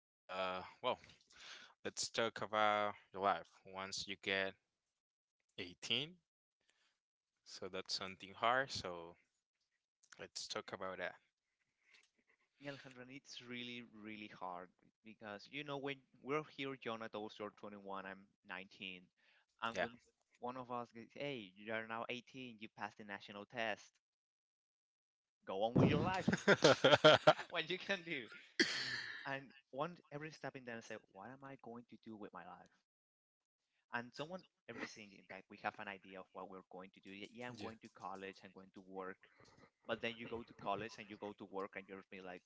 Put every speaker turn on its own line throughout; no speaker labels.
Well, let's talk about your life once you get 18. So that's something hard. So let's talk about that.
Yeah, Alejandro, and it's really, really hard because you know when we're here, Jonathan, you're 21, I'm 19, and
Yeah.
when one of us goes, "Hey, you are now 18, you passed the national test, go on with your life," what you can do, and one every step in them say, "What am I going to do with my life?" And someone everything in that we have an idea of what we're going to do. Yeah, I'm
Yeah.
going to college, I'm going to work, but then you go to college and you go to work, and you're be like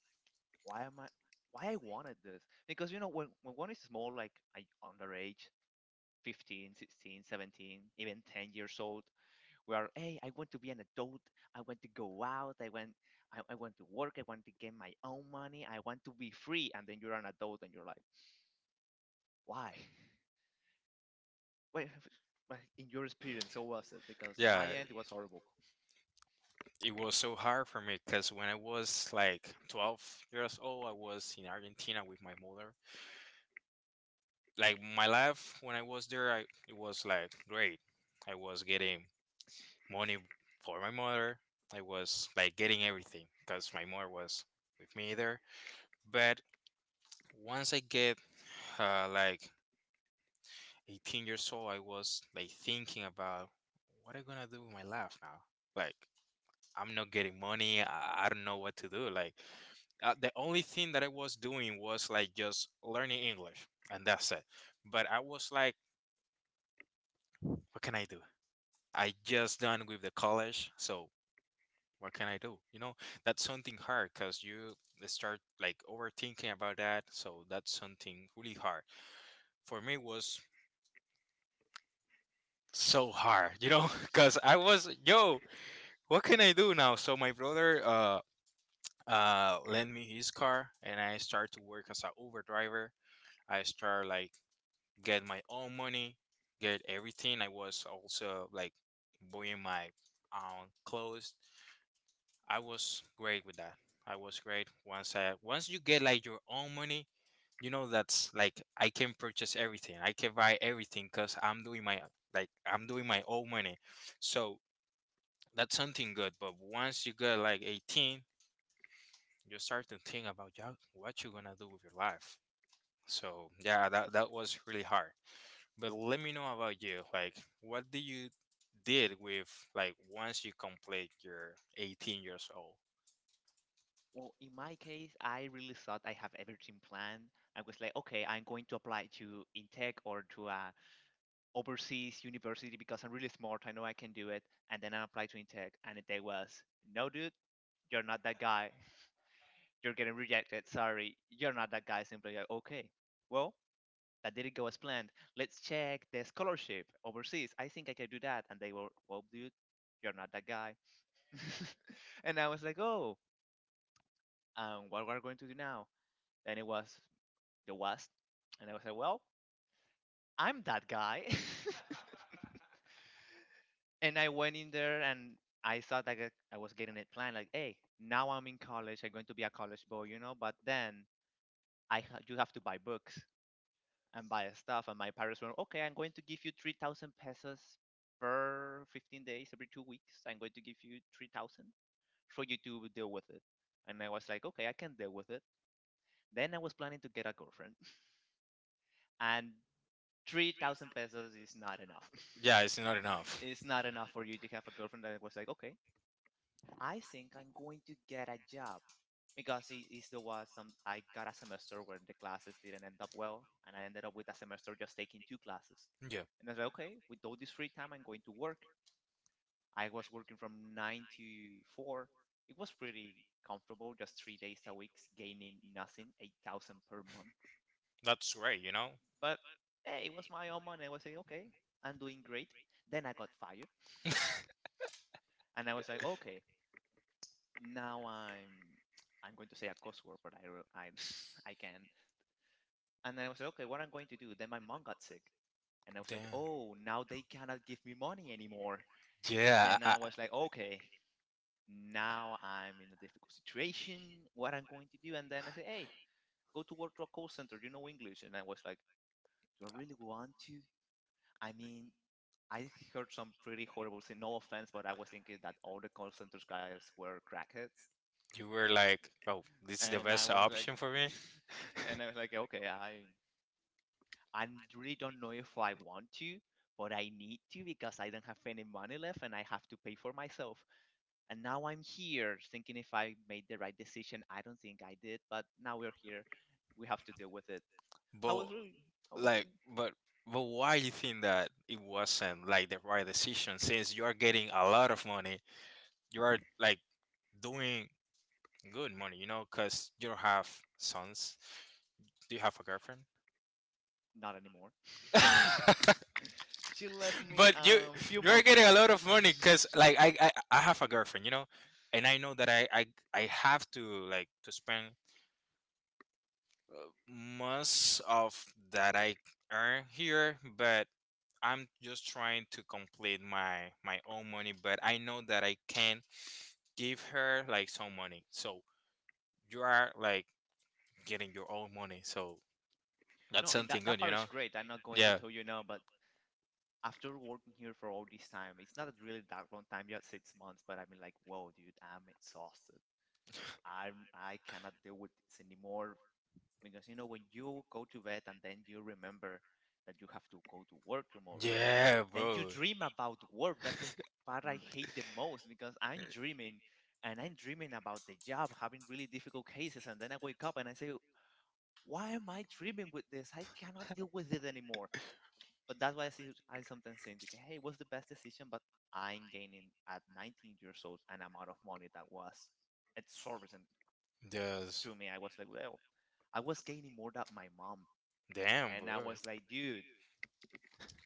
why am I why I wanted this because you know when one is small like I underage 15, 16, 17, even 10 years old we are hey I want to be an adult I want to go out I want to work I want to get my own money I want to be free and then you're an adult and you're like why Wait. But in your experience, how was it? Because in
Yeah.
my end, it was horrible.
It was so hard for me because when I was like 12 years old, I was in Argentina with my mother. Like my life when I was there, it was like great. I was getting money for my mother. I was like getting everything because my mother was with me there. But once I get like 18 years old, I was like thinking about what I gonna do with my life now. Like I'm not getting money. I don't know what to do. Like the only thing that I was doing was like just learning English, and that's it. But I was like, what can I do? I just done with the college, so what can I do? You know, that's something hard because you start like overthinking about that. So that's something really hard for me. Was so hard, because I was, yo, what can I do now? So my brother lent me his car, and I start to work as a Uber driver. I start like get my own money, get everything. I was also like buying my own clothes. I was great with that. I was great once I once you get like your own money. You know that's like I can purchase everything. I can buy everything because I'm doing my like I'm doing my own money. So that's something good. But once you get like 18, you start to think about, yeah, what you're gonna do with your life. So yeah, that was really hard. But let me know about you. Like, what do you did with like once you complete your 18 years old?
Well, in my case, I really thought I have everything planned. I was like, okay, I'm going to apply to Intech or to a overseas university because I'm really smart. I know I can do it. And then I applied to Intech, and Intech was, no, dude, you're not that guy. You're getting rejected. Sorry, you're not that guy. Simply like, okay, well, that didn't go as planned. Let's check the scholarship overseas. I think I can do that. And they were, well, dude, you're not that guy. And I was like, oh, what we're going to do now? Then it was the West, and I was like, well, I'm that guy. And I went in there and I thought that I was getting it planned. Like, hey, now I'm in college. I'm going to be a college boy. But then you have to buy books and buy stuff. And my parents were okay. I'm going to give you 3,000 pesos per 15 days, every 2 weeks. I'm going to give you 3,000 for you to deal with it. And I was like, okay, I can deal with it. Then I was planning to get a girlfriend, and 3,000 pesos is not enough.
Yeah, it's not enough.
It's not enough for you to have a girlfriend. That was like, okay, I think I'm going to get a job because it there was some I got a semester where the classes didn't end up well, and I ended up with a semester just taking two classes.
Yeah,
And I was like, okay, with all this free time, I'm going to work. I was working from nine to four. It was pretty comfortable, just 3 days a week, gaining nothing, 8,000 per month.
that's right. You know.
But hey, it was my own money. I was like, okay, I'm doing great. Then I got fired, and I was like, okay, now I'm going to say a cuss word, but I re- I I can. And I was like, okay, what I'm going to do? Then my mom got sick, and I was like,
Damn.
oh, now they cannot give me money anymore.
Yeah,
And
I-
I was like, okay, now I'm in a difficult situation. What I'm going to do? And then I say, hey, go to work to a call center. You know English? And I was like, do I really want to? I mean. I heard some pretty horrible thing. No offense, but I was thinking that all the call centers guys were crackheads
You were like, oh, this is the
and I
best
was like,
option for me.
and I was like, okay, I really don't know if I want to, but I need to because I don't have any money left and I have to pay for myself. And now I'm here thinking if I made the right decision. I don't think I did, but now we're here. We have to deal with it. How
But
was really? How was
like,
really?
but but why you think that it wasn't like the right decision since you're getting a lot of money, you're like doing good money, because you don't have sons? Do you have a girlfriend?
Not anymore. She left me
But
a
you,
um, few
you're
months
getting
ago.
a lot of money because like I have a girlfriend, and I know that I have to like to spend most of that I earn here, but I'm just trying to complete my own money. But I know that I can give her like some money. So you are like getting your own money. So that's
No, and that,
something
that
good, you
part
know?
is great. I'm not going to
Yeah.
tell you now, but after working here for all this time, it's not really that long time, just 6 months, but I mean, like, whoa, dude, I'm exhausted. I cannot deal with this anymore because you know when you go to bed and then you remember that you have to go to work tomorrow,
Yeah,
then you
bro.
dream about work. That's the part I hate the most because I'm dreaming and I'm dreaming about the job, having really difficult cases, and then I wake up and I say, why am I dreaming with this? I cannot deal with it anymore. But that's why I see I sometimes think, like, hey, what's the best decision? But I'm gaining at 19 years old an amount of money that was exorbitant
Yes.
to me. I was like, well, I was gaining more than my mom,
Damn,
and I
bro.
was like, dude,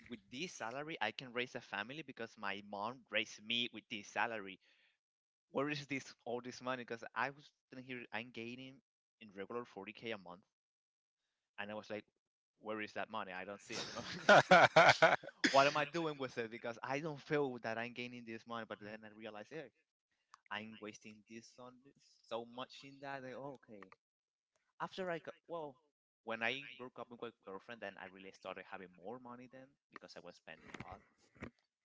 with this salary, I can raise a family because my mom raised me with this salary. Where is this all this money? Because I was sitting here, I'm gaining in regular 40K a month, and I was like, where is that money? I don't see it. What am I doing with it? Because I don't feel that I'm gaining this money, but then I realize, hey, I'm wasting this on this so much in that. Like, oh, okay. After I got, well, when I broke up with my girlfriend, then I really started having more money then because I was spending a lot.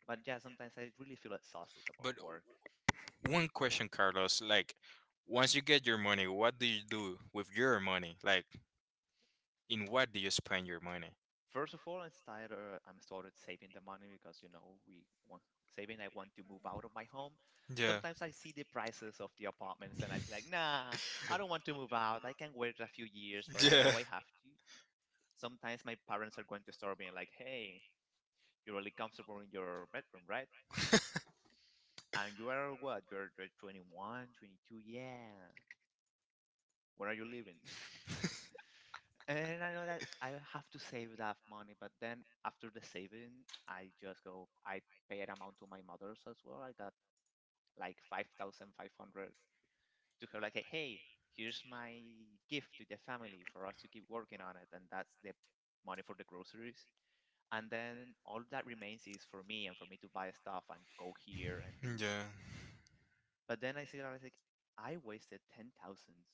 But yeah, sometimes I really feel exhausted about
But
work.
one question, Carlos. Like, once you get your money, what do you do with your money? Like, in what do you spend your money?
First of all, I'm started saving the money because you know we want saving. I want to move out of my home.
Yeah.
Sometimes I see the prices of the apartments and I'm like, nah, I don't want to move out. I can wait a few years, but I
Yeah.
know I have to. Sometimes my parents are going to start being like, hey, you're really comfortable in your bedroom, right? And you are what? You're 21, 22. Yeah. Where are you living? And I know that I have to save that money, but then after the saving, I just go, I pay an amount to my mother's as well. I got like 5,500 to her, like, hey, hey, here's my gift to the family for us to keep working on it. And that's the money for the groceries. And then all that remains is for me and for me to buy stuff and go here and do.
Yeah.
But then I see that I was like, I wasted ten thousands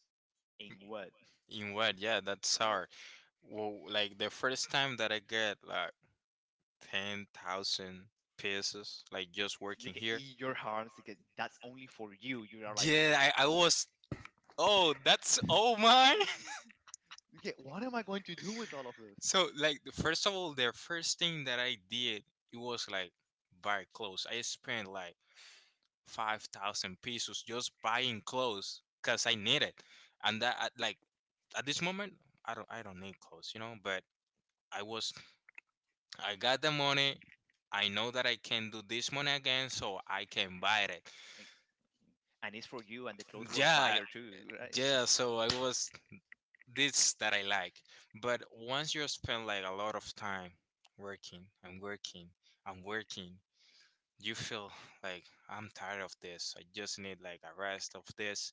in what?
In what? Yeah, that's hard. Well, like the first time that I get like 10,000 pesos, like just working
Like,
here.
in your arms, like, that's only for you. You are like,
Yeah, I was. Oh, that's oh my.
Okay, what am I going to do with all of this?
So like the first of all, the first thing that I did, it was like buy clothes. I spent like 5,000 pesos just buying clothes because I needed, and like at this moment I don't need clothes, But I was I got the money. I know that I can do this money again, so I can buy it.
And and it's for you, and the clothes were
Yeah,
fire too, right?
yeah. So I was this that I like, but once you spend like a lot of time working and working and working, you feel like I'm tired of this. I just need like a rest of this.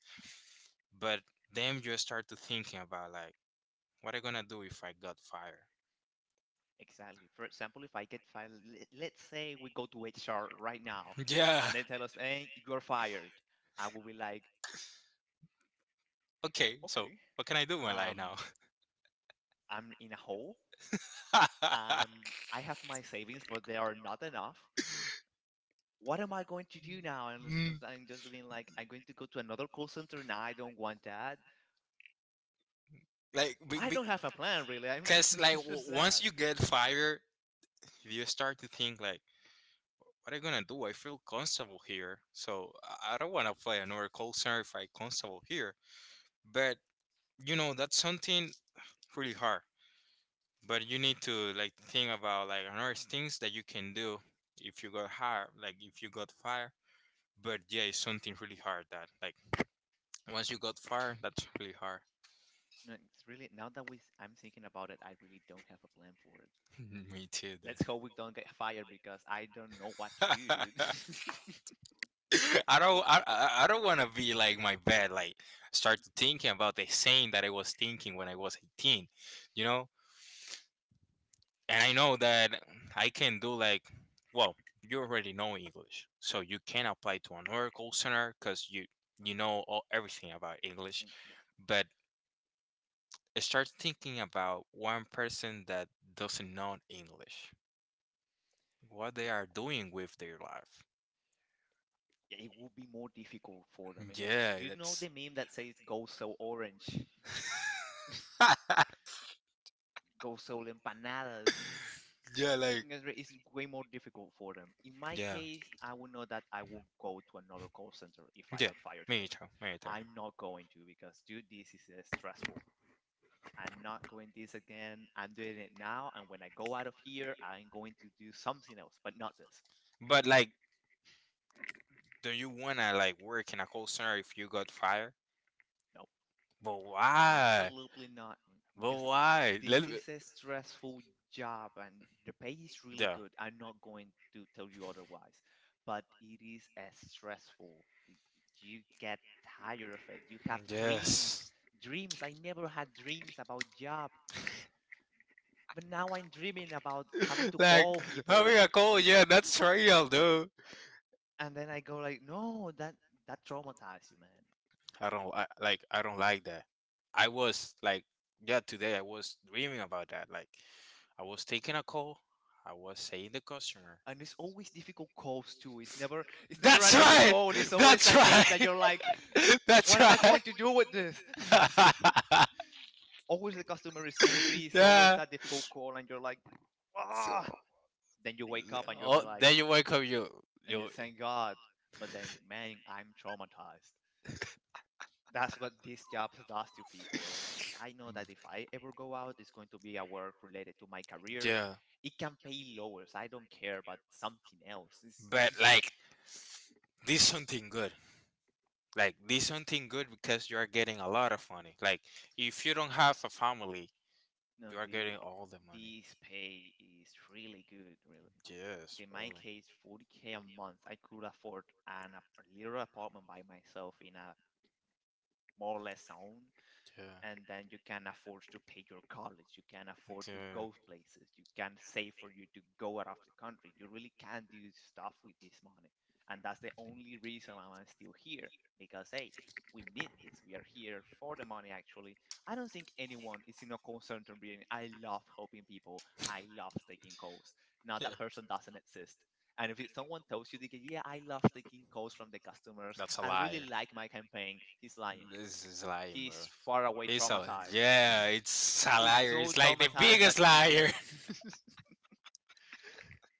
But then you start to thinking about like what I gonna do if I got fired.
Exactly. For example, if I get fired, let's say we go to HR right now,
Yeah.
and they tell us, "Hey, you're fired," I will be like,
Okay. So
"Okay,
what can I do in my life
um,
now?
I'm in a hole. Um, I have my savings, but they are not enough. What am I going to do now?" And
Mm,
I'm just being like, "I'm going to go to another call center now. I don't want that.
like
I don't have a plan really. I'm
because like
just sad."
once you get fired, you start to think like. What are I gonna do? I feel comfortable here, so I don't wanna play another call center if I comfortable here. But you know that's something really hard. But you need to like think about like another things that you can do if you got hired, like if you got fired. But yeah, it's something really hard that like once you got fired, that's really hard.
No, it's really now that I'm thinking about it, I really don't have a plan for it.
Me too.
Let's hope we don't get fired because I don't know what to do,
That.
dude.
I don't. I don't want to be like my bad. Like start thinking about the same that I was thinking when I was 18. You know, and I know that I can do like, well, you already know English, so you can apply to an Oracle Center because you know all, everything about English.
Mhm.
But start thinking about one person that doesn't know English, what they
it,
are doing with their life.
yeah, it will be more difficult for them because
Yeah,
you know
that's
the meme that says "Go sell orange, go sell empanadas."
yeah, like
Because it's way more difficult for them. In my
yeah,
case, I would know that I will go to another call center if I
yeah.
get fired
Me
today.
too, me too.
I'm not going to because, dude, this is stressful. I'm not going this again. I'm doing it now. And when I go out of here, I'm going to do something else, but not this.
But like, don't you wanna like work in a call center if you got fired?
No,
But why?
absolutely not.
But
Because
why?
this
Let me...
is a stressful job and the pay is really
Yeah.
good. I'm not going to tell you otherwise, but it is as stressful. You get tired of it. You have dreams.
Yes.
Dreams. I never had dreams about job, but now I'm dreaming about having to
Like
call people.
having a call, yeah, that's real, dude.
And then I go like, no, that traumatized you, man.
I don't, I like. I don't like that. I was like, yeah, today I was dreaming about that. Like, I was taking a call. I was saying the customer.
And it's always difficult calls too. It's never
That's
an easy
right.
call. It's always
That's
that case that
right.
you're like,
That's
what am I
right.
going to do with this? Always the customer is angry. It's always
Yeah.
that difficult call, and you're like,
So,
ah. Then you wake up and you'll be
oh,
like,
then you wake up. You
and you
you.
thank God. But then, man, I'm traumatized. That's what these jobs does to people. And I know that if I ever go out, it's going to be a work related to my career.
Yeah.
It can pay lower, so I don't care, but something else it's,
But like, this something good. Like this something good because you are getting a lot of money. Like if you don't have a family,
no
you are
the
getting all the money.
this pay is really good, really.
Yes,
In
bro.
my case, 40k a month, I could afford an a little apartment by myself in a more or less zone.
Yeah.
And then you can afford to pay your college, you can afford to
Dude.
go places, you can save for you to go out of the country. You really can do stuff with this money. And that's the only reason I'm still here, because hey, we need this. We are here for the money, actually. I don't think anyone is in a call center being, I love helping people, I love taking calls. Now
Yeah.
that person doesn't exist. And if someone tells you, they go, yeah, I love taking calls from the customers.
That's a
I really
liar.
like my campaign. He's lying.
This is lying, bro.
He's far away
It's a
traumatized.
yeah. It's a
He's
liar.
so
It's like the
traumatized that
biggest
he
liar.
thinks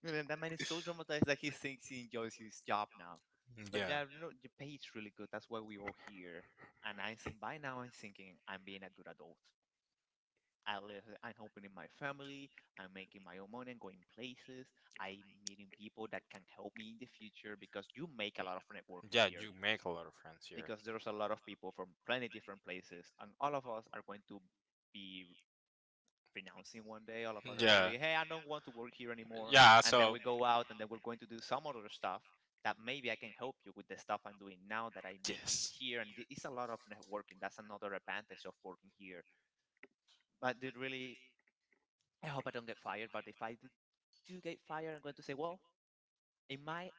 man, that man is so traumatized that he thinks he enjoys his job now. But
Yeah.
yeah, no, the pay is really good. That's why we all here. And I think by now I'm thinking I'm being a good adult. I live, I'm helping in my family. I'm making my own money. I'm going places. I'm meeting people that can help me in the future because you make a lot of networking
Yeah.
here,
You make a lot of friends here.
because there's a lot of people from plenty different places, and all of us are going to be renouncing one day. All of us are going to
Yeah.
say, hey, I don't want to work here anymore.
Yeah.
And then
So,
we go out and then we're going to do some other stuff that maybe I can help you with the stuff I'm doing now that I met you in
yes,
here. And it's a lot of networking. That's another advantage of working here. But it really, I hope I don't get fired. But if I do get fired, I'm going to say, well, in my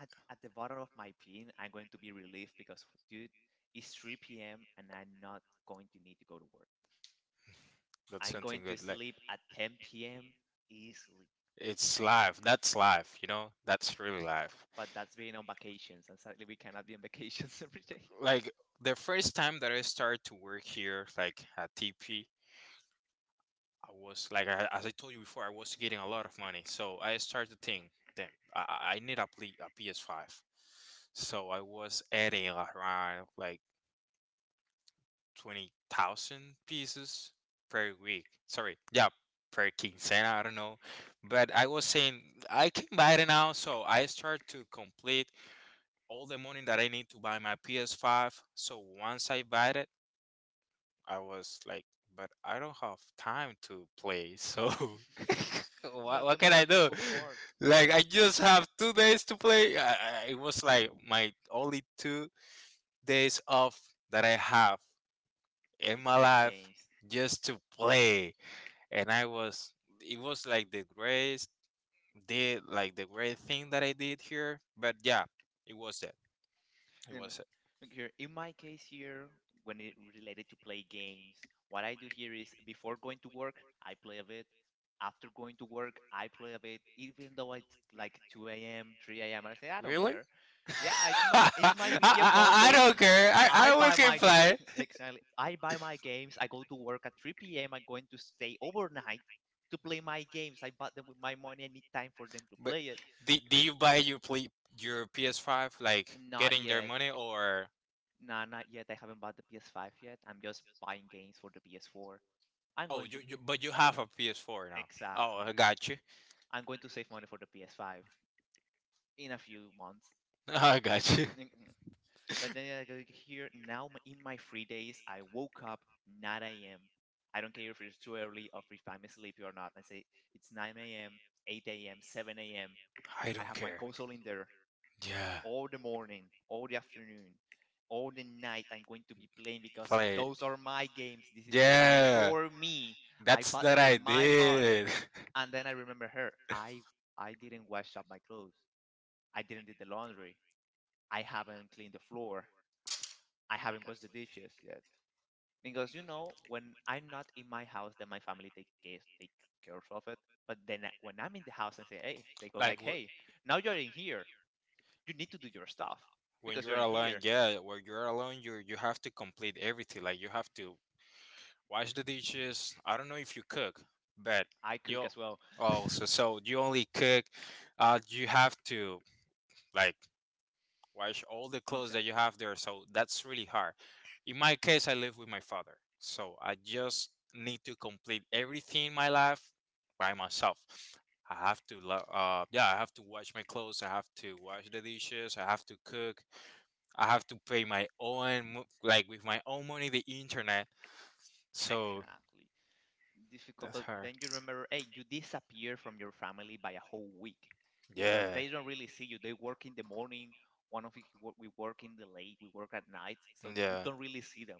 at the bottom of my pin, I'm going to be relieved because, dude, it's 3 p.m. and I'm not going to need to go to work.
that's
I'm
something
going to
good. Like
sleep at 10 p.m. easily.
it's life. That's life. You know, that's really life.
But that's being on vacations. And sadly, we cannot be on vacations every day.
Like the first time that I started to work here, like at TP, I was like, I, as I told you before, I was getting a lot of money. So I started to think, damn, I need a PS5. So I was adding around like 20,000 pieces per week. Sorry, yeah, per quincena, I don't know. But I was saying I can buy it now, so I start to complete all the money that I need to buy my PS5. So once I buy it, I was like, but I don't have time to play, so
And
what,
that's the
what can
most
I do?
horrible part
Like, I just have 2 days to play. It was like my only 2 days off that I have
to
in my
play the
life
games.
just to play. And I was, it was like the greatest, did like the great thing that I did here. But yeah, it was it. It
And
was it.
look here, in my case here, when it related to play games, what I do here is before going to work, I play a bit. After going to work, I play a bit, even though it's like 2 a.m., 3 a.m. I say I don't
Really?
care. Yeah, it's my
I, I,
video
I
console.
don't care. I,
I
I will
buy
keep
my game
play.
exactly. I buy my games. I go to work at 3 p.m. I'm going to stay overnight to play my games. I bought them with my money. I need time for them to
But
play it.
did you buy your play, your PS5 like
Not
getting their
yet.
money or?
Nah, not yet. I haven't bought the PS5 yet. I'm just buying games for the PS4. I'm
Oh,
going to
you but you have a PS4 now. Oh,
exactly.
I got you.
I'm going to save money for the PS5 in a few months.
I got you.
But then I go here now in my free days. I woke up 9 a.m. I don't care if it's too early or if I'm sleepy or not. I say it's 9 a.m., 8 a.m., 7 a.m.
I
I
don't
have my
care.
console in there
Yeah.
all the morning, all the afternoon, all the night. I'm going to be playing because
Play.
those are my games. This is the time
Yeah.
for me. I
That's
bought them
that
with
I
my money.
did.
And then I remember her. I didn't wash up my clothes. I didn't do the laundry. I haven't cleaned the floor. I haven't washed the dishes yet because you know, when I'm not in my house, then my family take care of it. But then when I'm in the house and say, hey, they go
Like
like, hey, now you're in here, you need to do your stuff
when
because you're
you're
in
alone,
here.
yeah, when you're alone, you have to complete everything. Like you have to wash the dishes. I don't know if you cook, but
I cook
you
as well.
also you only cook. You have to like wash all the clothes
Listen,
that you have there. So that's really hard. In my case, I live with my father. So I just need to complete everything in my life by myself. I have to wash my clothes. I have to wash the dishes. I have to cook. I have to pay my own, like with my own money, the internet. So
exactly. Difficult,
that's
but
hard.
then you remember, hey, you disappear from your family by a whole week because
Yeah.
they don't really see you. They work in the morning. One of us we work in the late. We work at night, so you
Yeah.
don't really see them.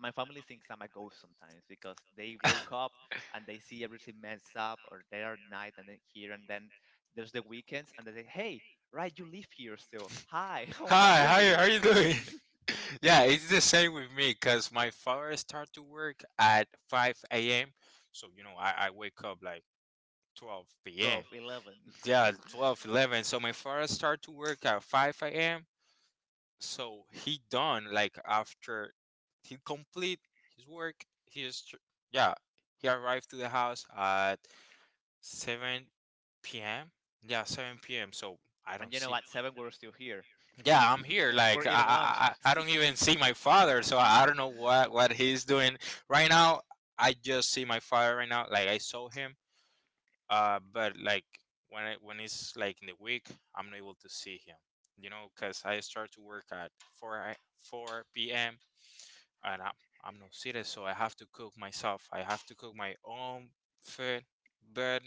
My family thinks I'm a ghost sometimes because they woke up and they see everything messed up, or they are at night and then here, and then there's the weekends, and they say, "Hey, right, you live here still. Hi, how
Hi,
are
how you,
you?"
how you doing? Yeah, it's the same with me because my father start to work at 5 a.m. So, I wake up like 12 p.m.
12, 11,
Yeah, 12, 11. So my father start to work at 5 a.m. So he done like after he complete his work, he is, tr- yeah, he arrived to the house at 7 p.m. Yeah, 7 p.m. So I
and
don't
you know,
see.
at 7, we're still here.
Yeah, I'm here
We're
like i i,
eating lunch.
I I don't even see my father, so I don't know what he's doing right now. I just see my father right now like I saw him but like when it's like in the week I'm not able to see him. You know, because I start to work at 4 p.m and I'm not seated, so I have to cook myself. I have to cook my own food, but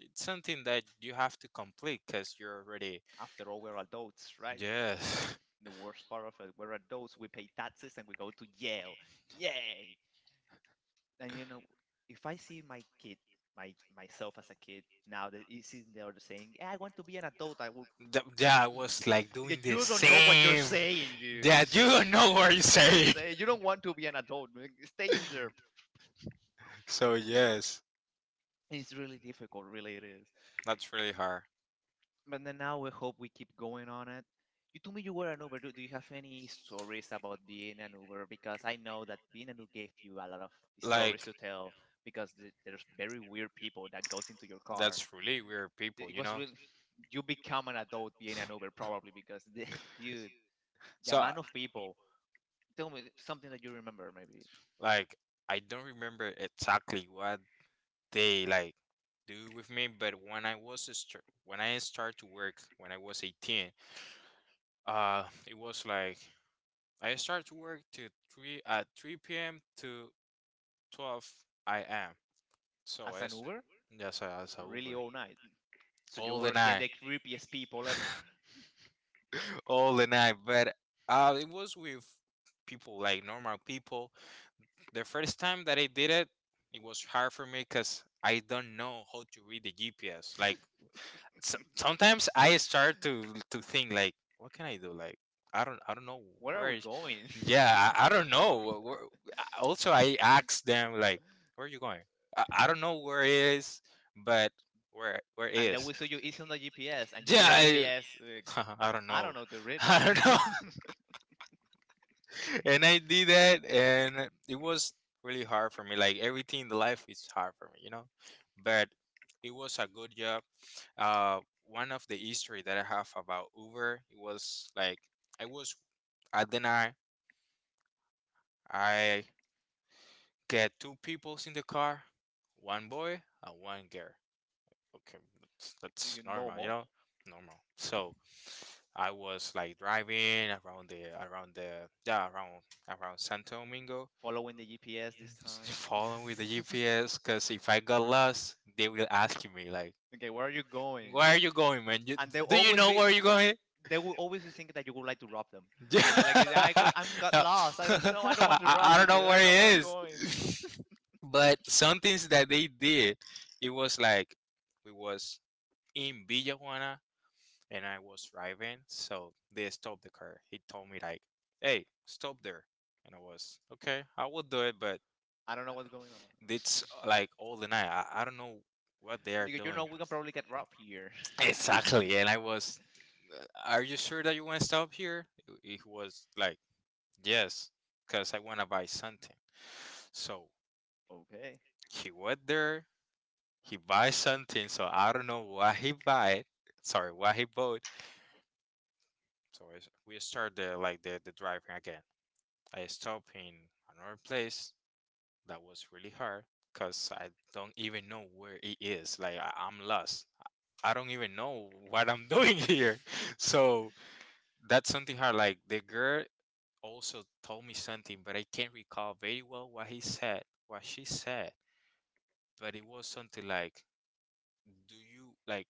it's something that you have to complete because you're already,
After all, we're adults, right?
yes,
The worst part of it, we're adults, we pay taxes and we go to jail. Yay! And you know, if I see my kid, my myself as a kid, now that he's sitting there saying, "Eh, I want to be an adult, I will.
That was like doing the
You don't know what you're
same
saying, dude.
that you don't know what you're saying.
Say, you don't want to be an adult, man. Stay in there.
So yes,
It's really difficult, really, it is.
that's really hard.
But then now we hope we keep going on it. You told me you were an Uber. Do you have any stories about being an Uber? Because I know that being an Uber gave you a lot of stories
Like
to tell. Because there's very weird people that goes into your car.
that's really weird people,
It
you
was
know.
really you become an adult being an Uber probably because the, dude, the
So
amount of people. Tell me something that you remember maybe
like I don't remember exactly what they do with me, but when I started to work when I was 18, it was like I started to work to three at 3 p.m. to 12 am. So
as an
as
Uber.
yes, as a
Really
Uber,
all night. So you
all the
were seeing
night,
the creepiest people ever.
all the night. But it was with people like normal people. The first time that I did it, it was hard for me because I don't know how to read the GPS. Sometimes I start to think like, what can I do? Like I don't know
Where are
where.
we going?
Yeah, I don't know also, I asked them like, where are you going? I don't know where it is, but where it
And then
is.
we saw you it's on the GPS, and you
Yeah,
see the
I
GPS.
I don't
I
know.
don't know to read that.
I don't know.
Okay,
And I did that and it was really hard for me. Like everything in the life is hard for me, you know? But it was a good job. Uh One of the history that I have about Uber, it was like I was at the night I get two peoples in the car, one boy and one girl. Okay, that's normal, you
normal.
know, normal. So I was like driving around the yeah around Santo Domingo,
Following the GPS this
following with the
time.
GPS. Cause if I got lost, they will ask me like,
Okay, where are you going?
"Where are you going, man? You,
And they
do you
always
know
be
where you're going?"
they will always be thinking that you would like to rob them, and you're like, I go, I'm got
No.
lost. I don't know.
I,
I don't want to
I
rob you,
don't
dude.
know
I
where
don't know where I'm
it is.
going.
But some things that they did, it was like we was in Villa and I was driving, so they stopped the car. He told me like, "Hey, stop there," and I was okay. I will do it, but
I don't know what's going on.
it's like all the night. I don't know what they are
Nigga, you
doing.
know we can probably get robbed here.
Exactly, and I was, "Are you sure that you want to stop here?" He was like, "Yes, because I want to buy something." So
Okay.
he went there. He buy something. So I don't know what he buy. Sorry, what he bought. We start the driving again. I stopped in another place that was really hard because I don't even know where it is. Like I'm lost. I don't even know what I'm doing here. So that's something hard. Like the girl also told me something, but I can't recall very well what he said, what she said. But it was something like?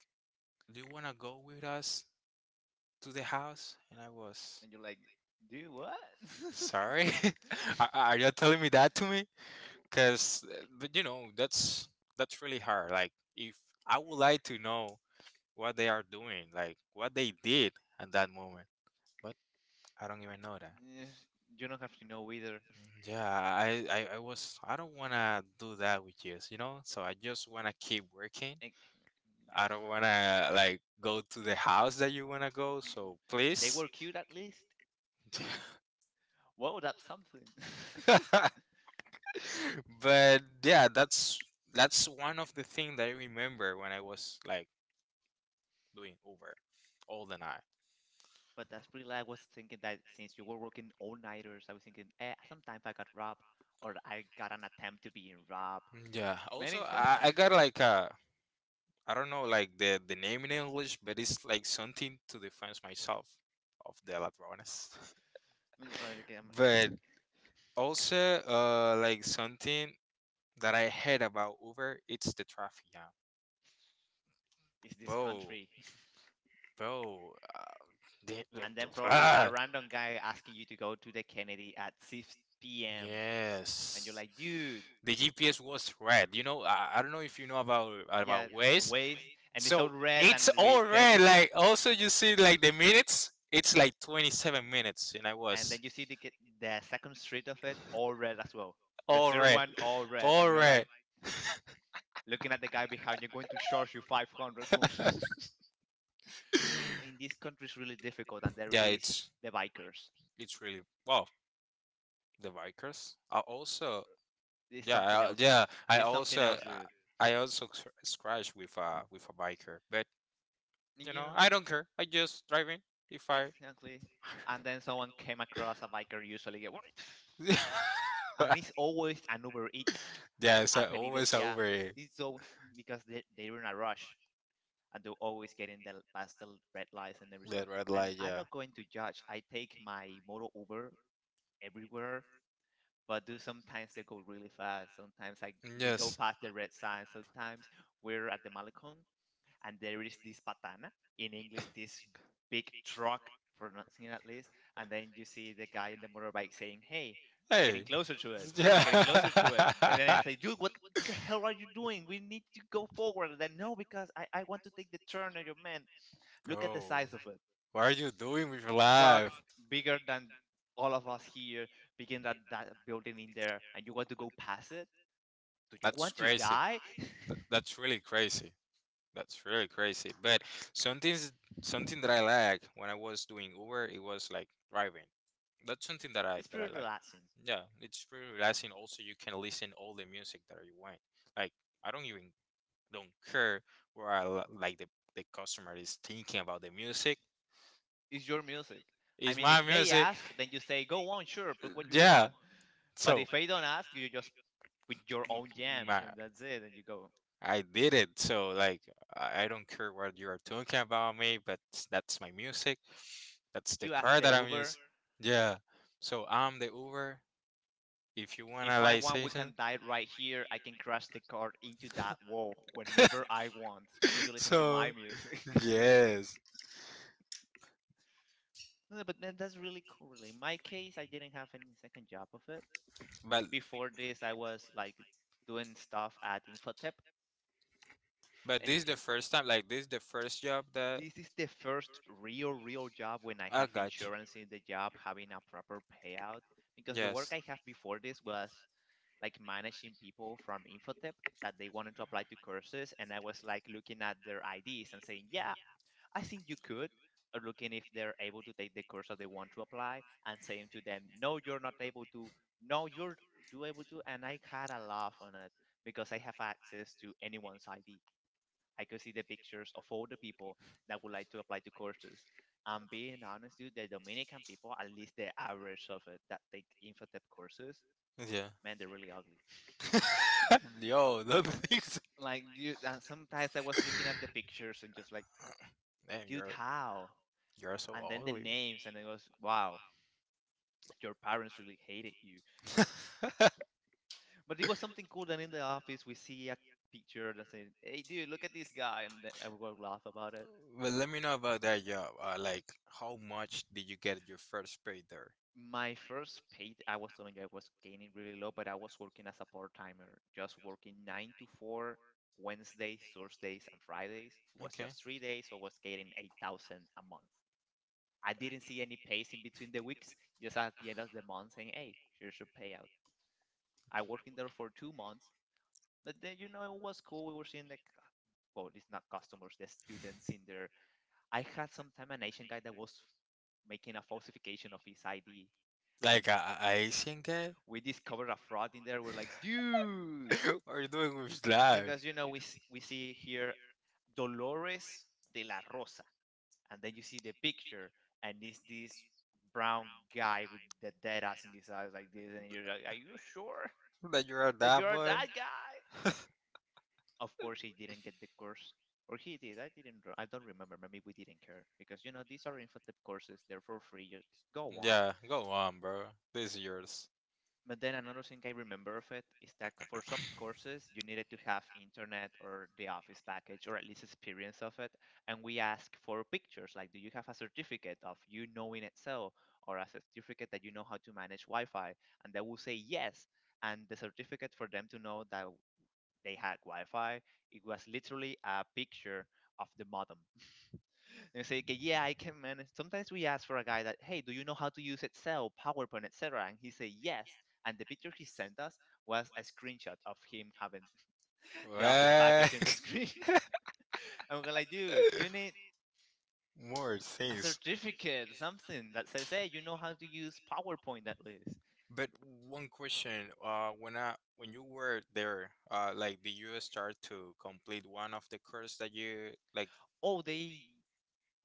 Do you wanna go with us to the house?" And I was
And you're like, dude, what?
sorry. Are you telling me that to me? Because but you know that's really hard like if I would like to know what they are doing like what they did at that moment but I don't even know that.
Yes, you don't have to know either.
Mm, yeah, I was I don't want to do that with you you know so I just want to keep working.
Eh,
I don't want to like go to the house that you want to go so
they
please.
were cute at least. Whoa, that's something.
But yeah, that's one of the things that I remember when I was like doing Uber all the night.
But that's pretty. Like, I was thinking that since you were working all nighters, I was thinking, eh, sometimes I got robbed, or I got an attempt to being robbed.
Yeah. Also,
Many times.
I got like I don't know like the name in English, but it's like something to defense myself of the ladrones.
Think right again,
But also, like something that I heard about Uber, it's the traffic jam.
is this
Bro,
country,
Bro, the, the,
and then
the-
probably a
ah,
random guy asking you to go to the Kennedy at 6 p.m. and you're
yes.
like, dude,
The GPS was red. You know, I don't know if you know about
yeah,
Waze.
waste, and it's
So
all red
it's
and we
all
then
red.
just.
Like also you see like the minutes, it's like 27 minutes, and I
And then
was
you see the the second street of it all red as well. The
all
third
red,
one all red,
all
and you're like
red.
looking at the guy behind you, going to charge you 500 for. No, but in this country, it's really difficult, and there
Yeah,
is the bikers.
it's really wow. The Vikers are also
It's
yeah
something else, dude.
yeah.
It's something else, dude.
I also scratch with a biker, but
And
you
you
know
know,
I don't care. I just driving if I.
exactly. And then someone came across a biker, usually, yeah, what? And it's always an Uber Eats,
Yeah,
a pedidos
always
ya.
over here.
It's so, because they they're in a rush, and they're always getting the past the red lights and everything.
That red
And
light,
I'm
yeah.
not going to judge. I take my motor Uber everywhere, but do sometimes they go really fast. Sometimes I we go
Yes.
past the red sign. Sometimes we're at the Malecon and there is this patana, in English, this big truck pronouncing at least, and then you see the guy in the motorbike saying, "Hey, getting
Hey.
closer to it and getting closer
Yeah.
to it," and then I say, "Dude, what the hell are you doing? We need to go forward." And then no, because I want to take the turn, and your man, look at the
Bro,
size of it.
what are you doing with your
Truck
life?
bigger than all of us here, begin that, building in there, and you want to go past it? Do you
That's
want to
crazy.
die?
That's really crazy. That's really crazy. But something something that I like when I was doing Uber, it was like driving. That's something
It's
that
pretty
I like.
relaxing.
Yeah, it's pretty relaxing. Also, you can listen all the music that you want. Like I don't even don't care where like the customer is thinking about the music.
It's your music. I
It's
mean,
my
if they
music.
ask, then you say, go on, sure, put what you
Yeah.
want. But
So
if they don't ask, you just put your own jams,
my
and that's it. And you go,
I did it. So like I don't care what you are talking about me, but that's my music. That's the
you ask
car
the
that I'm
Uber.
using. Yeah. So I'm the Uber. If you wanna
If I
like
want,
say
we
something.
can die right here. I can crash the car into that wall whenever I want. So you listen to
So
my music.
yes.
No, but that's really cool. Really, in my case, I didn't have any second job of it.
But
Before this, I was like doing stuff at Infotep,
but
and
this is the first time like this is the first job that
this is the first real, real job when I
I
have
got you.
insurance in the job, having a proper payout. Because the work
Yes.
I have before this was like managing people from Infotep that they wanted to apply to courses, and I was like looking at their IDs and saying, "Yeah, I think you could looking if they're able to take the course that they want to apply and saying to them, no, you're not able to, no, you're do able to. And I had a laugh on it because I have access to anyone's ID. I could see the pictures of all the people that would like to apply to courses. And being honest, dude, the Dominican people, at least the average of it that take Infotep courses,
Yeah.
man, they're really ugly.
Yo, the things.
Like, dude, and sometimes I was looking at the pictures and just like,
Damn,
dude, how?
you're so
And then the
ugly.
names, and it was wow, your parents really hated you. But it was something cool that in the office we see a picture that says, hey dude, look at this guy, and then I would laugh about it.
But let me know about that job. How much did you get your first pay there?
My first paid, I was telling you, I was gaining really low, but I was working as a part-timer just working 9 to 4, Wednesdays, Thursdays and Fridays. It was
Okay.
just 3 days, so I was getting 8,000 a month. I didn't see any pays in between the weeks, just at the end of the month saying, hey, here's your payout. I worked in there for 2 months. But then you know it was cool. We were seeing the well, it's not customers, the students in there. I had some time an Asian guy that was making a falsification of his ID, and
Like a Asian guy?
we discovered a fraud in there. We're like, dude,
What are you doing with life?
because you know we see here Dolores de la Rosa, and then you see the picture, and it's this brown guy with the dead ass in his eyes like this, and you're like, are you sure
That you're a
that
that
you're
boy?
that guy? Of course, he didn't get the course, or he did. I didn't. I don't remember. Maybe we didn't care because you know these are infotip courses. They're for free. Just go on.
Yeah, go on, bro. This is yours.
But then another thing I remember of it is that for some courses you needed to have internet or the office package or at least experience of it. And we ask for pictures like, do you have a certificate of you knowing Excel or a certificate that you know how to manage Wi-Fi? And they will say yes. And the certificate for them to know that they had Wi-Fi, it was literally a picture of the modem. They say, okay, yeah, I can manage. Sometimes we ask for a guy that, hey, do you know how to use Excel, PowerPoint, etc.? And he say yes. And the picture he sent us was a screenshot of him having the office package in the
What?
screen. And we're like, dude, you need
More
a
things.
certificate, something that says, hey, you know how to use PowerPoint at least.
But one question, when I when you were there, did you start to complete one of the course that you like?
Oh, they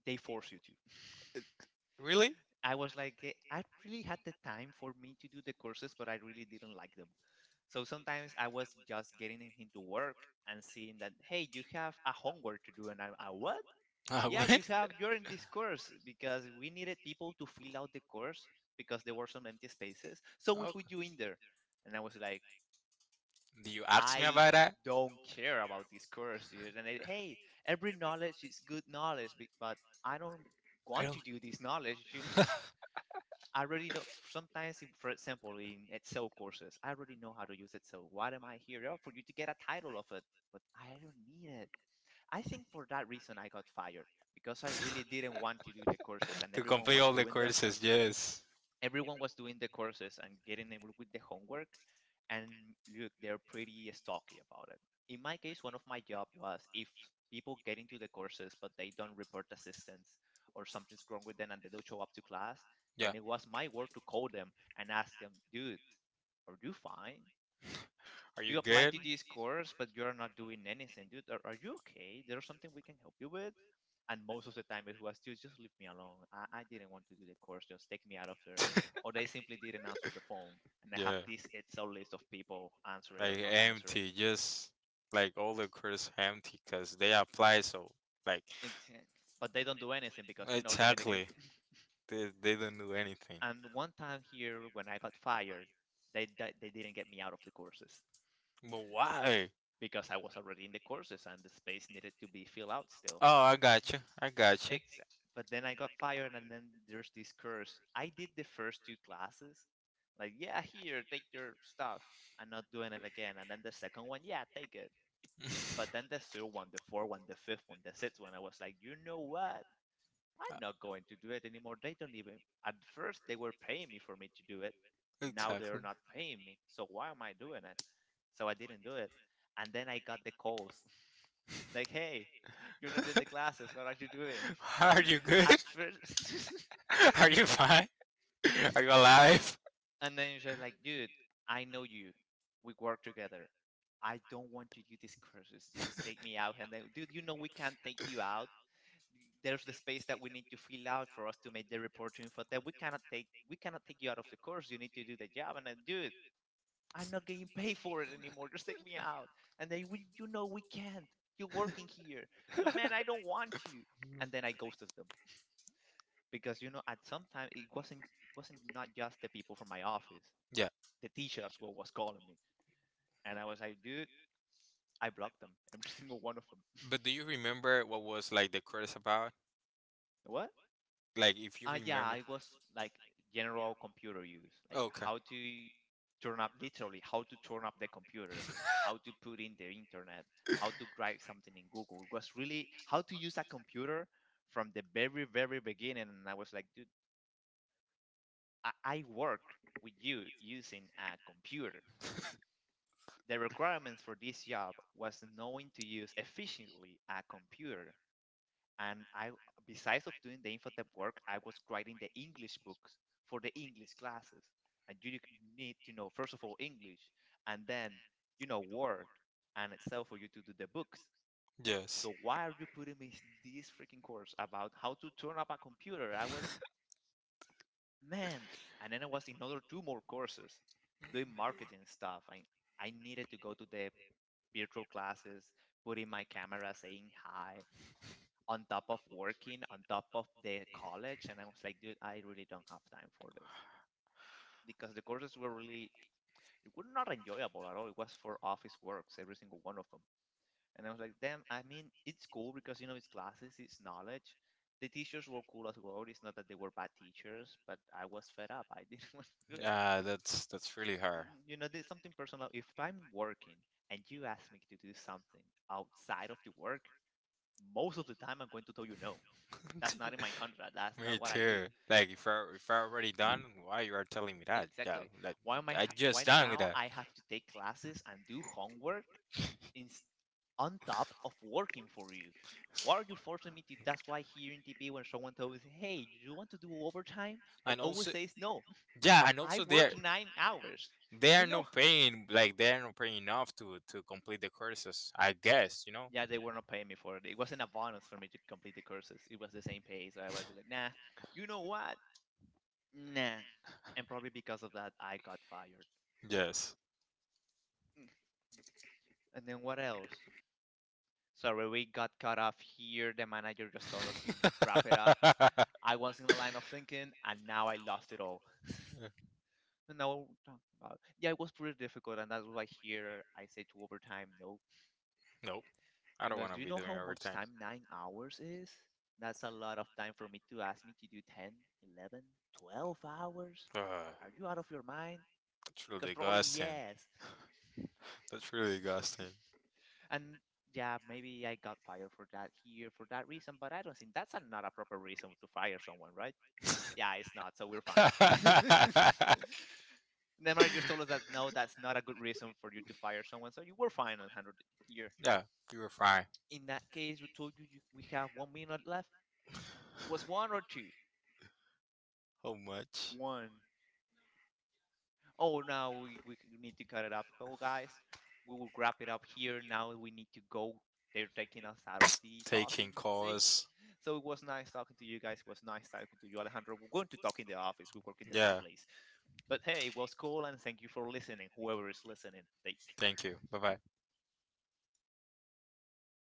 force you to.
Really?
I was like, eh, I really had the time for me to do the courses, but I really didn't like them. So sometimes I was just getting into work and seeing that, hey, you have a homework to do. And I'm, what? Yeah,
What?
you have, you're in this course because we needed people to fill out the course because there were some empty spaces. So we
Oh,
put you in there. And I was like,
do you ask me
I
about that?
don't care about this course, dude. And I, hey, every knowledge is good knowledge, but I don't
I
want
don't.
to do this knowledge. You know? I already know. Sometimes, for example, in Excel courses, I already know how to use Excel. What am I here for? You to get a title of it, but I don't need it. I think for that reason I got fired because I really didn't want to do the courses, and
To
everyone
complete
was
all the
doing them,
courses, yes.
everyone was doing the courses and getting in with the homework, and look, they're pretty stocky about it. In my case, one of my job was if people get into the courses but they don't report assistance or something's wrong with them and they don't show up to class, then
Yeah.
it was my work to call them and ask them, dude, are you fine?
Are you
You applied
good?
to this course, but you're not doing anything, dude. Are you okay? There's something we can help you with? And most of the time it was just leave me alone. I didn't want to do the course, just take me out of there, or they simply didn't answer the phone. And I have
Yeah.
this Excel list of people answering
Like
or not answering.
empty, just like all the courses empty because they apply so like
Ex- but they don't do anything because you know Dominicans.
exactly. They don't do anything.
And one time here when I got fired, they didn't get me out of the courses
But why?
because I was already in the courses and the space needed to be filled out still.
Oh, I got you. I got you.
Exa But then I got fired, and then there's this curse. I did the first two classes, like, yeah, here, take your stuff. I'm not doing it again. And then the second one, yeah, take it. But then the third one, the fourth one, the fifth one, the sixth one, I was like, you know what?
Uh,
I'm not going to do it anymore. They don't even, at first, they were paying me for me to do it. Now they're
exactly.
not paying me. So why am I doing it? So I didn't do it. And then I got the calls like, hey, you're not in the classes. What are you doing?
Are you good?
At first.
Are you fine? Are you alive?
And then you're just like, dude, I know you. We work together. I don't want to do these courses. Just take me out. And then, dude, you know we can't take you out. There's the space that we need to fill out for us to make the report to info that we cannot take, we cannot take you out of the course. You need to do the job, and I do it. I'm not getting paid for it anymore, just take me out. And they we, you know, we can't. You're working here, man. I don't want to. And then I ghosted them, because you know at some time it wasn't not just the people from my office.
Yeah.
The teachers were was calling me, and I was like, dude, I blocked them, every single one of them.
But do you remember what was like the credits about?
What?
Like, if you
Yeah,
remember.
I was like general computer use, like
Okay.
how to turn up, literally how to turn up the computer, how to put in the internet, how to write something in Google. It was really how to use a computer from the very very beginning. And I was like, dude, I work with you using a computer. The requirements for this job was knowing to use efficiently a computer. And I, besides of doing the infotep work, I was writing the English books for the English classes. And you need to know first of all English, and then you know Word, and itself for you to do the books.
Yes.
So why are you putting me this freaking course about how to turn up a computer? I was, man, and then I was in other two more courses doing marketing stuff. I needed to go to the virtual classes, putting my camera, saying hi, on top of working, on top of the college. And I was like, dude, I really don't have time for this because the courses were really were not enjoyable at all. It was for office works, every single one of them. And I was like, damn, I mean, it's cool because, you know, it's classes, it's knowledge. The teachers were cool as well. It's not that they were bad teachers, but I was fed up. I didn't want to do it.
Yeah, that's really hard.
You know, there's something personal. If I'm working and you ask me to do something outside of the work, most of the time I'm going to tell you no. That's not in my contract. That's
Me
not what I do.
too. Like if I already done, why you are telling me that? Yeah,
Exactly.
like
Why am I
I
why
just done with
now
that.
I have to take classes and do homework in, on top of working for you? Why are you forcing me to? That's why here in TP, when someone tells me, "Hey, do you want to do overtime?" I
And
always
also,
say, "No,
yeah, and
I
also there
work 9 hours."
they
You
are not
know?
paying like they are not paying enough to complete the courses. I guess you know.
Yeah, they were not paying me for it. It wasn't a bonus for me to complete the courses. It was the same pay, so I was like, "Nah." You know what? Nah. And probably because of that, I got fired.
Yes.
Mm. And then what else? Sorry, we got cut off here. The manager just told us to wrap it up. I was in the line of thinking, and now I lost it all. Now we're talking about. Yeah, it was pretty difficult, and that's why here I say to overtime no.
Nope. I don't
Because
want
do
to
you
be
know
doing
how much
overtime.
time 9 hours is? That's a lot of time for me to ask me to do 10, 11, 12 hours.
Ugh,
Are you out of your mind?
that's
Because
really
probably
disgusting.
yes.
That's really disgusting.
And yeah, maybe I got fired for that here for that reason, but I don't think that's a, not a proper reason to fire someone, right? Yeah, it's not, so we're fine. Neymar just told us that no, that's not a good reason for you to fire someone, so you were fine on 100 here.
Yeah, you were fine.
In that case, we told you, we have 1 minute left. Was one or two?
How much?
One. Oh, now we need to cut it off. Oh guys, we will wrap it up here. Now we need to go. They're taking us out of the talking
Taking
stage.
calls.
So it was nice talking to you guys. It was nice talking to you, Alejandro. We're going to talk in the office. We work in the same
Yeah,
place. But hey, it was cool, and thank you for listening, whoever is listening. Take
thank
care.
you. Bye bye.